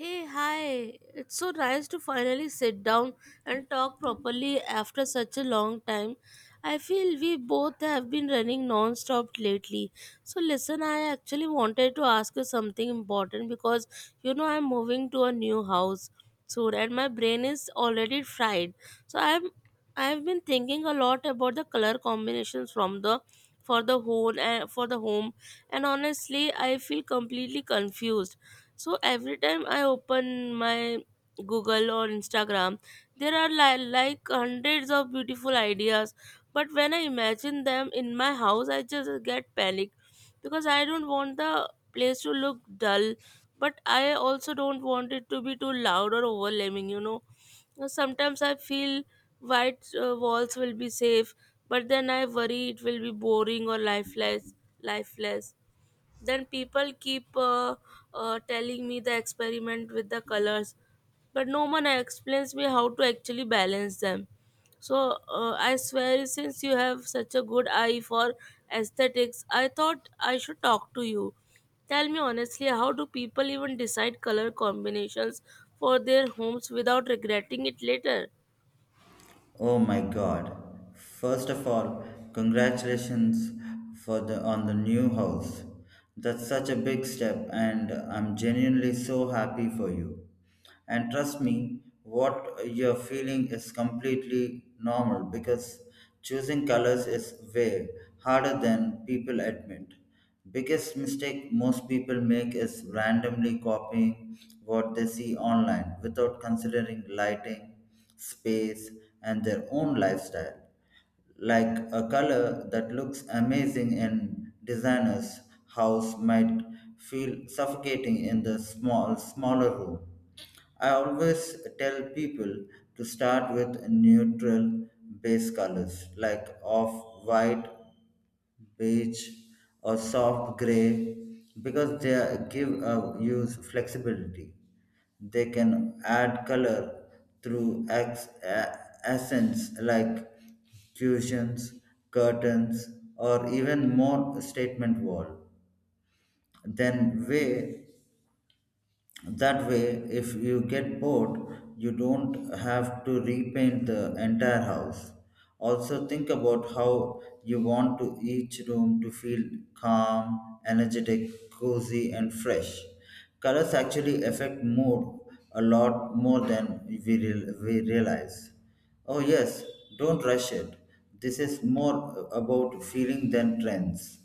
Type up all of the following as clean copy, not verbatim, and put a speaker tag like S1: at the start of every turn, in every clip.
S1: Hey, hi. It's so nice to finally sit down and talk properly after such a long time. I feel we both have been running non-stop lately. So listen, I actually wanted to ask you something important because you know I'm moving to a new house soon and my brain is already fried. So I'm I've been thinking a lot about the color combinations from the for the whole and for the home, and honestly I feel completely confused. So every time I open my Google or Instagram, there are like hundreds of beautiful ideas. But when I imagine them in my house, I just get panic because I don't want the place to look dull. But I also don't want it to be too loud or overwhelming, Sometimes I feel white walls will be safe, but then I worry it will be boring or lifeless. Lifeless. Then people keep telling me the experiment with the colors, but no one explains me how to actually balance them. So I swear, since you have such a good eye for aesthetics, I thought I should talk to you. Tell me honestly, how do people even decide color combinations for their homes without regretting it later?
S2: Oh my god. First of all, congratulations for the on the new house. That's such a big step, and I'm genuinely so happy for you. And trust me, what you're feeling is completely normal because choosing colors is way harder than people admit. Biggest mistake most people make is randomly copying what they see online without considering lighting space, and their own lifestyle. Like a color that looks amazing in designer's house might feel suffocating in the smaller room. I always tell people to start with neutral base colors like off white, beige, or soft gray because give a use flexibility. They can add color through accents like cushions, curtains, or even more statement wall. Then way That way, if you get bored, you don't have to repaint the entire house. Also, think about how you want to each room to feel: calm, energetic, cozy, and fresh. Colors actually affect mood a lot more than we realize. Oh, yes, don't rush it. This is more about feeling than trends.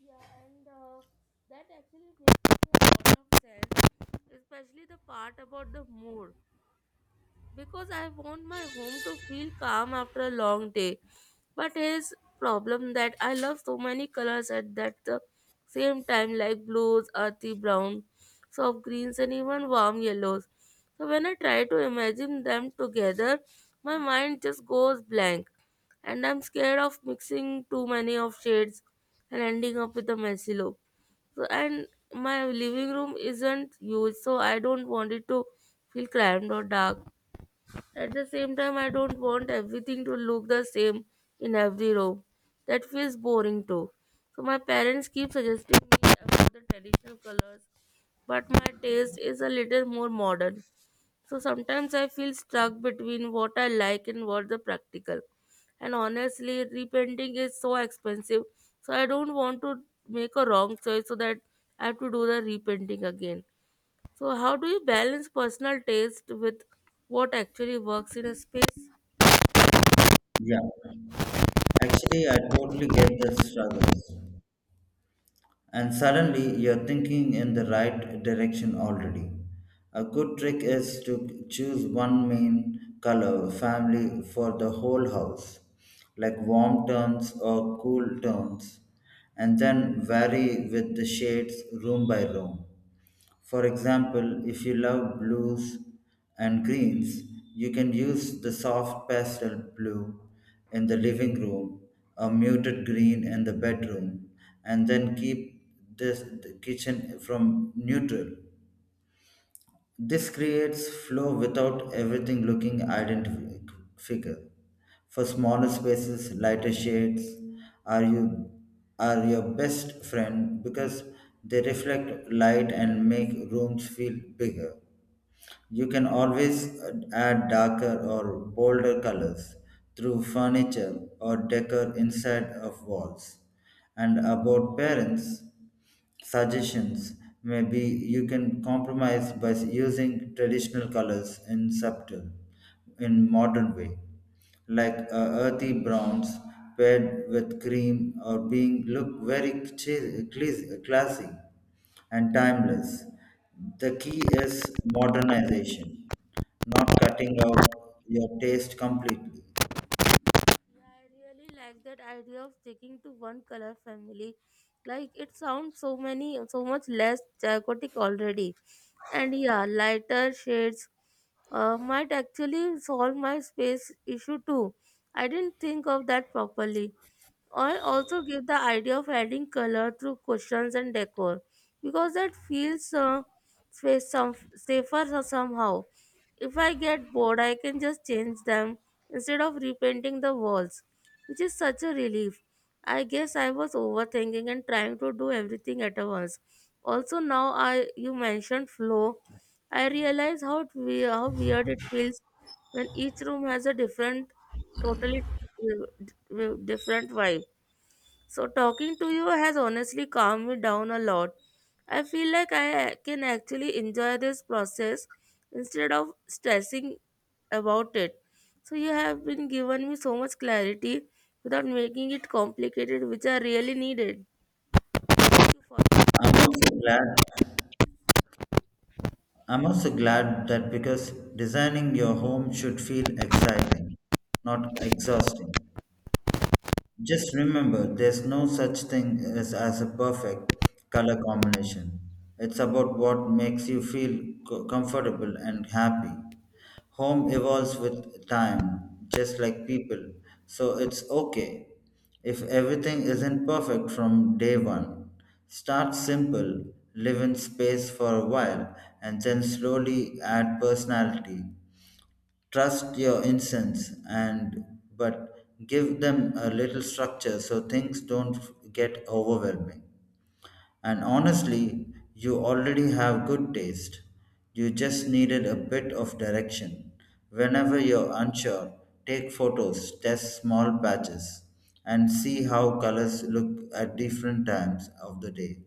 S1: Yeah, and that actually makes a lot of sense, especially the part about the mood, because I want my home to feel calm after a long day. But here's problem that I love so many colors at that the same time, like blues, earthy brown, soft greens, and even warm yellows. So when I try to imagine them together, my mind just goes blank, and I'm scared of mixing too many of shades and ending up with a messy look. And my living room isn't huge, so I don't want it to feel cramped or dark. At the same time, I don't want everything to look the same in every room. That feels boring too. So my parents keep suggesting me about the traditional colors, but my taste is a little more modern. So sometimes I feel stuck between what I like and what the practical. And honestly, repainting is so expensive, so I don't want to make a wrong choice so that I have to do the repainting again. So, how do you balance personal taste with what actually works in a space?
S2: Yeah. Actually, I totally get the struggles, and suddenly you're thinking in the right direction already. A good trick is to choose one main color family for the whole house, like warm tones or cool tones, and then vary with the shades room by room. For example, if you love blues and greens, you can use the soft pastel blue in the living room, a muted green in the bedroom, and then keep the kitchen from neutral. This creates flow without everything looking identical. For smaller spaces, lighter shades are you are your best friend because they reflect light and make rooms feel bigger. You can always add darker or bolder colors through furniture or decor inside of walls. And about parents, suggestions, maybe you can compromise by using traditional colors in subtle in modern way, like earthy browns paired with cream or being look very classy and timeless. The key is modernization, not cutting out your taste completely.
S1: Yeah, I really like that idea of sticking to one color family. Like it sounds so many, so much less chaotic already. And yeah, lighter shades might actually solve my space issue too. I didn't think of that properly. I also give the idea of adding color through cushions and decor because that feels safer somehow. If I get bored, I can just change them instead of repainting the walls, which is such a relief. I guess I was overthinking and trying to do everything at once. Also, now I you mentioned flow, I realize how weird it feels when each room has a different, totally uh, different vibe. So, talking to you has honestly calmed me down a lot. I feel like I can actually enjoy this process instead of stressing about it. So, you have been given me so much clarity without making it complicated, which I really needed. Thank you for.
S2: i'm also glad I'm also glad that, because designing your home should feel exciting, not exhausting. Just remember, there's no such thing as, a perfect color combination. It's about what makes you feel comfortable and happy. Home evolves with time, just like people, so it's okay if everything isn't perfect from day one. Start simple, live in space for a while, and then slowly add personality. Trust your incense, and but give them a little structure so things don't get overwhelming. And honestly, you already have good taste. You just needed a bit of direction. Whenever you're unsure, take photos, test small batches, and see how colors look at different times of the day.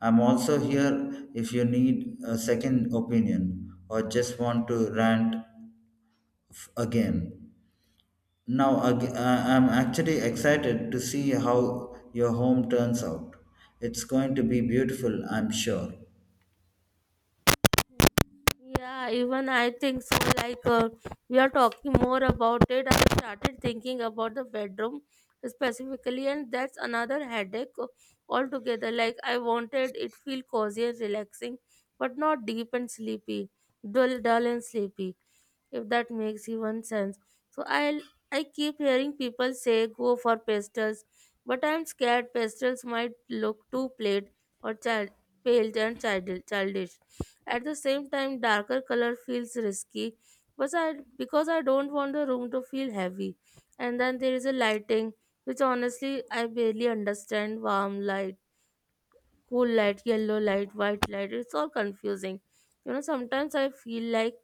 S2: I'm also here if you need a second opinion or just want to rant again. Now, I'm actually excited to see how your home turns out. It's going to be beautiful, I'm sure.
S1: Yeah, even I think so. Like, we are talking more about it. I started thinking about the bedroom specifically, and that's another headache altogether. Like, I wanted it feel cozy and relaxing, but not deep and sleepy, dull, dull and sleepy, if that makes even sense. So I keep hearing people say go for pastels, but I'm scared pastels might look too plaid or child pale and childish. At the same time, darker color feels risky, but I because I don't want the room to feel heavy. And then there is a lighting, which honestly I barely understand. Warm light, cool light, yellow light, white light. It's all confusing. You know, sometimes I feel like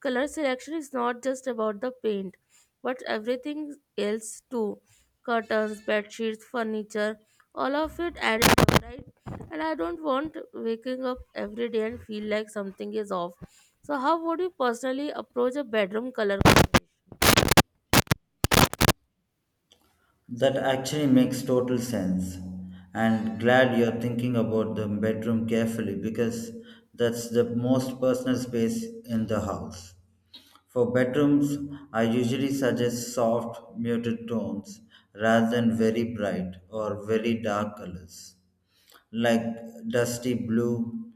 S1: color selection is not just about the paint but everything else too. Curtains, bed sheets, furniture, all of it adds up, right? And I don't want waking up every day and feel like something is off. So how would you personally approach a bedroom color combination?
S2: That actually makes total sense. And glad you're thinking about the bedroom carefully, because that's the most personal space in the house. For bedrooms, I usually suggest soft, muted tones rather than very bright or very dark colors. Like dusty blue,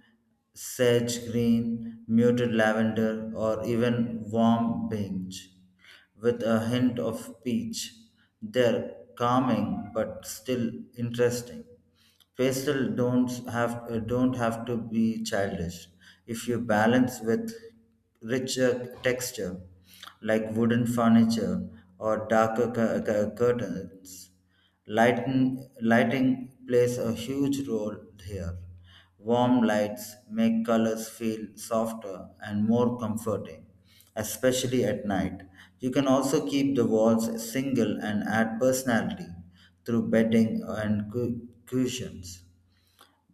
S2: sage green, muted lavender, or even warm beige, with a hint of peach. They're calming but still interesting. Pastel don't have to be childish if you balance with richer texture like wooden furniture or darker curtains. Lighting plays a huge role here. Warm lights make colors feel softer and more comforting, especially at night. You can also keep the walls single and add personality through bedding and cushions.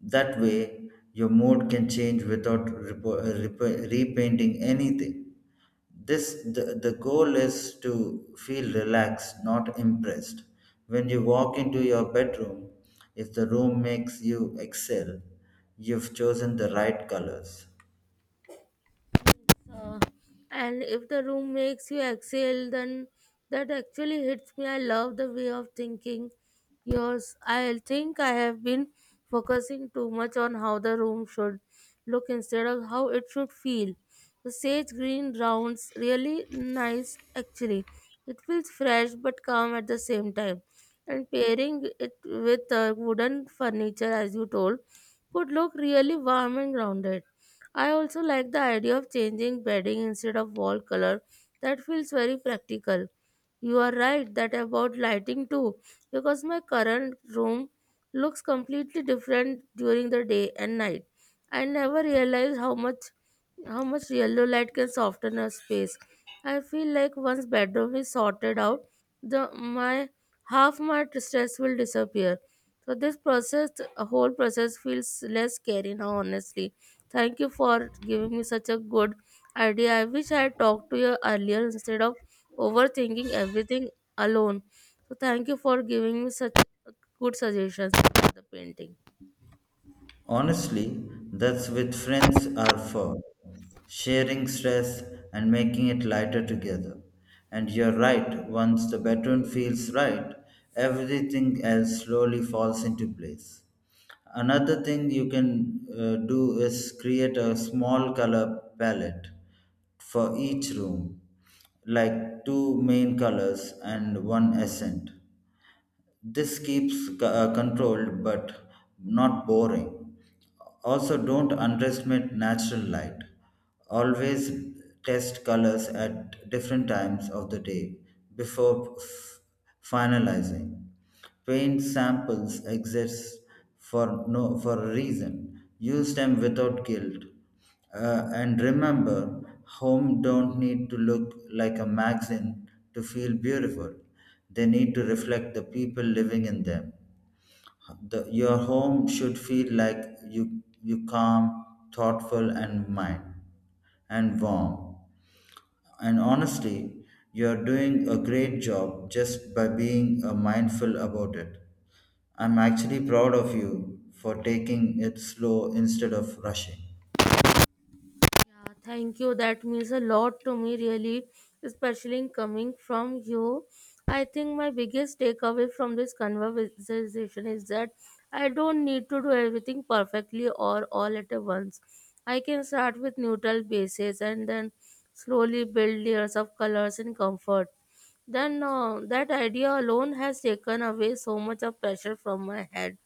S2: That way, your mood can change without repainting anything. The goal is to feel relaxed, not impressed. When you walk into your bedroom, if the room makes you excel, you've chosen the right colors.
S1: And if the room makes you exhale, then that actually hits me. I love the way of thinking yours. I think I have been focusing too much on how the room should look instead of how it should feel. The sage green rounds really nice actually. It feels fresh but calm at the same time, and pairing it with wooden furniture as you told could look really warm and grounded. I also like the idea of changing bedding instead of wall color. That feels very practical. You are right that about lighting too, because my current room looks completely different during the day and night. I never realized how much yellow light can soften a space. I feel like once bedroom is sorted out, the my half my stress will disappear. So this process, a whole process feels less scary now. Honestly, thank you for giving me such a good idea. I wish I had talked to you earlier instead of overthinking everything alone. So thank you for giving me such good suggestions for the painting.
S2: Honestly, that's what friends are for: sharing stress and making it lighter together. And you're right, once the bedroom feels right, everything else slowly falls into place. Another thing you can do is create a small color palette for each room, like two main colors and one accent. This keeps controlled but not boring. Also, don't underestimate natural light. Always test colors at different times of the day before finalizing. Paint samples exist for no for a reason. Use them without guilt. And remember, home don't need to look like a magazine to feel beautiful. They need to reflect the people living in them. Your home should feel like you: calm, thoughtful, and mind and warm. And honestly, you're doing a great job just by being mindful about it. I'm actually proud of you for taking it slow instead of rushing.
S1: Yeah, thank you. That means a lot to me, really, especially in coming from you. I think my biggest takeaway from this conversation is that I don't need to do everything perfectly or all at a once. I can start with neutral bases and then slowly build layers of colors and comfort. Then That idea alone has taken away so much of pressure from my head,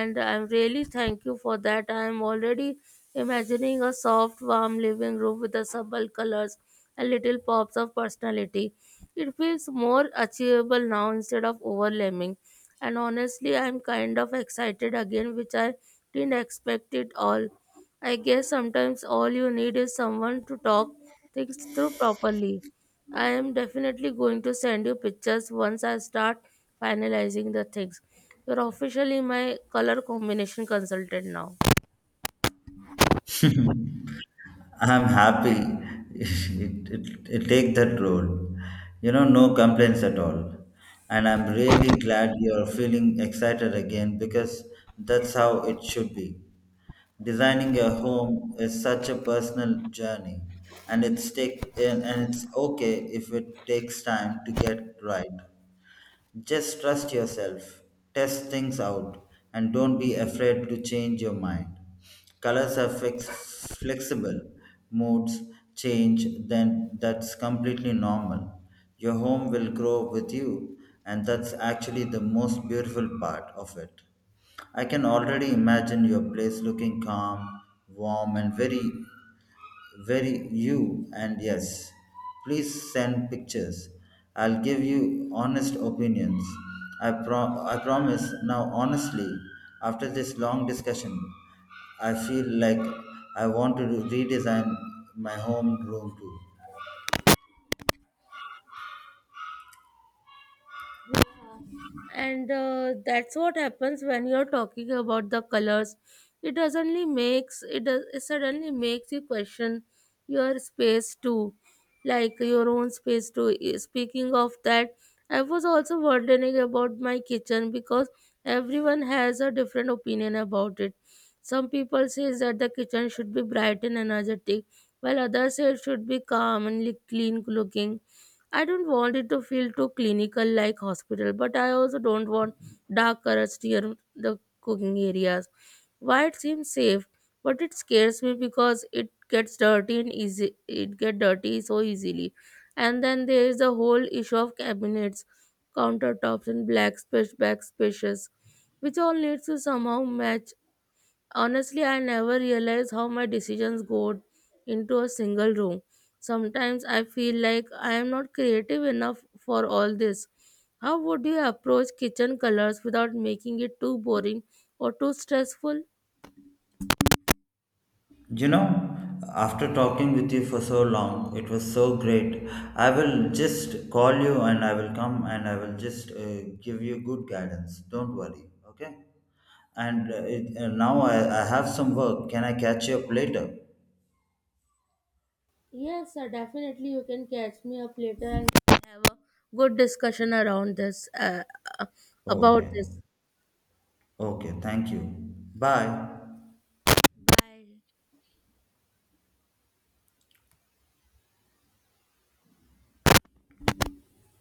S1: and I'm really thank you for that. I'm already imagining a soft, warm living room with the subtle colors and little pops of personality. It feels more achievable now instead of overwhelming. And honestly, I'm kind of excited again, which I didn't expect it all. I guess sometimes all you need is someone to talk things through properly. I am definitely going to send you pictures once I start finalizing the things. You're officially my color combination consultant now.
S2: I'm happy it take that role. You know, no complaints at all. And I'm really glad you're feeling excited again because that's how it should be. Designing a home is such a personal journey, and it's take and it's okay if it takes time to get right. Just trust yourself, test things out, and don't be afraid to change your mind. Colors are flexible, moods change, then that's completely normal. Your home will grow with you, and that's actually the most beautiful part of it. I can already imagine your place looking calm, warm, and very you. And yes, please send pictures. I'll give you honest opinions. I promise. Now honestly, after this long discussion, I feel like I want to redesign my home room too.
S1: And that's what happens when you're talking about the colors. It suddenly it suddenly makes you question your space too, like your own space too. Eh, speaking of that, I was also wondering about my kitchen because everyone has a different opinion about it. Some people say that the kitchen should be bright and energetic, while others say it should be calm and clean looking. I don't want it to feel too clinical like hospital, but I also don't want dark colors near the cooking areas. White seems safe, but it scares me because it gets dirty and easy. It get dirty so easily, and then there is the whole issue of cabinets, countertops, and black space back spaces, which all needs to somehow match. Honestly, I never realize how my decisions go into a single room. Sometimes I feel like I am not creative enough for all this. How would you approach kitchen colors without making it too boring or too stressful?
S2: You know, after talking with you for so long, it was so great. I will just call you and I will come and I will just give you good guidance. Don't worry, okay? And now I have some work. Can I catch you up later?
S1: Yes, sir, definitely you can catch me up later and we can have a good discussion around this about
S2: Okay.
S1: this.
S2: Okay, thank you. Bye.
S1: Bye.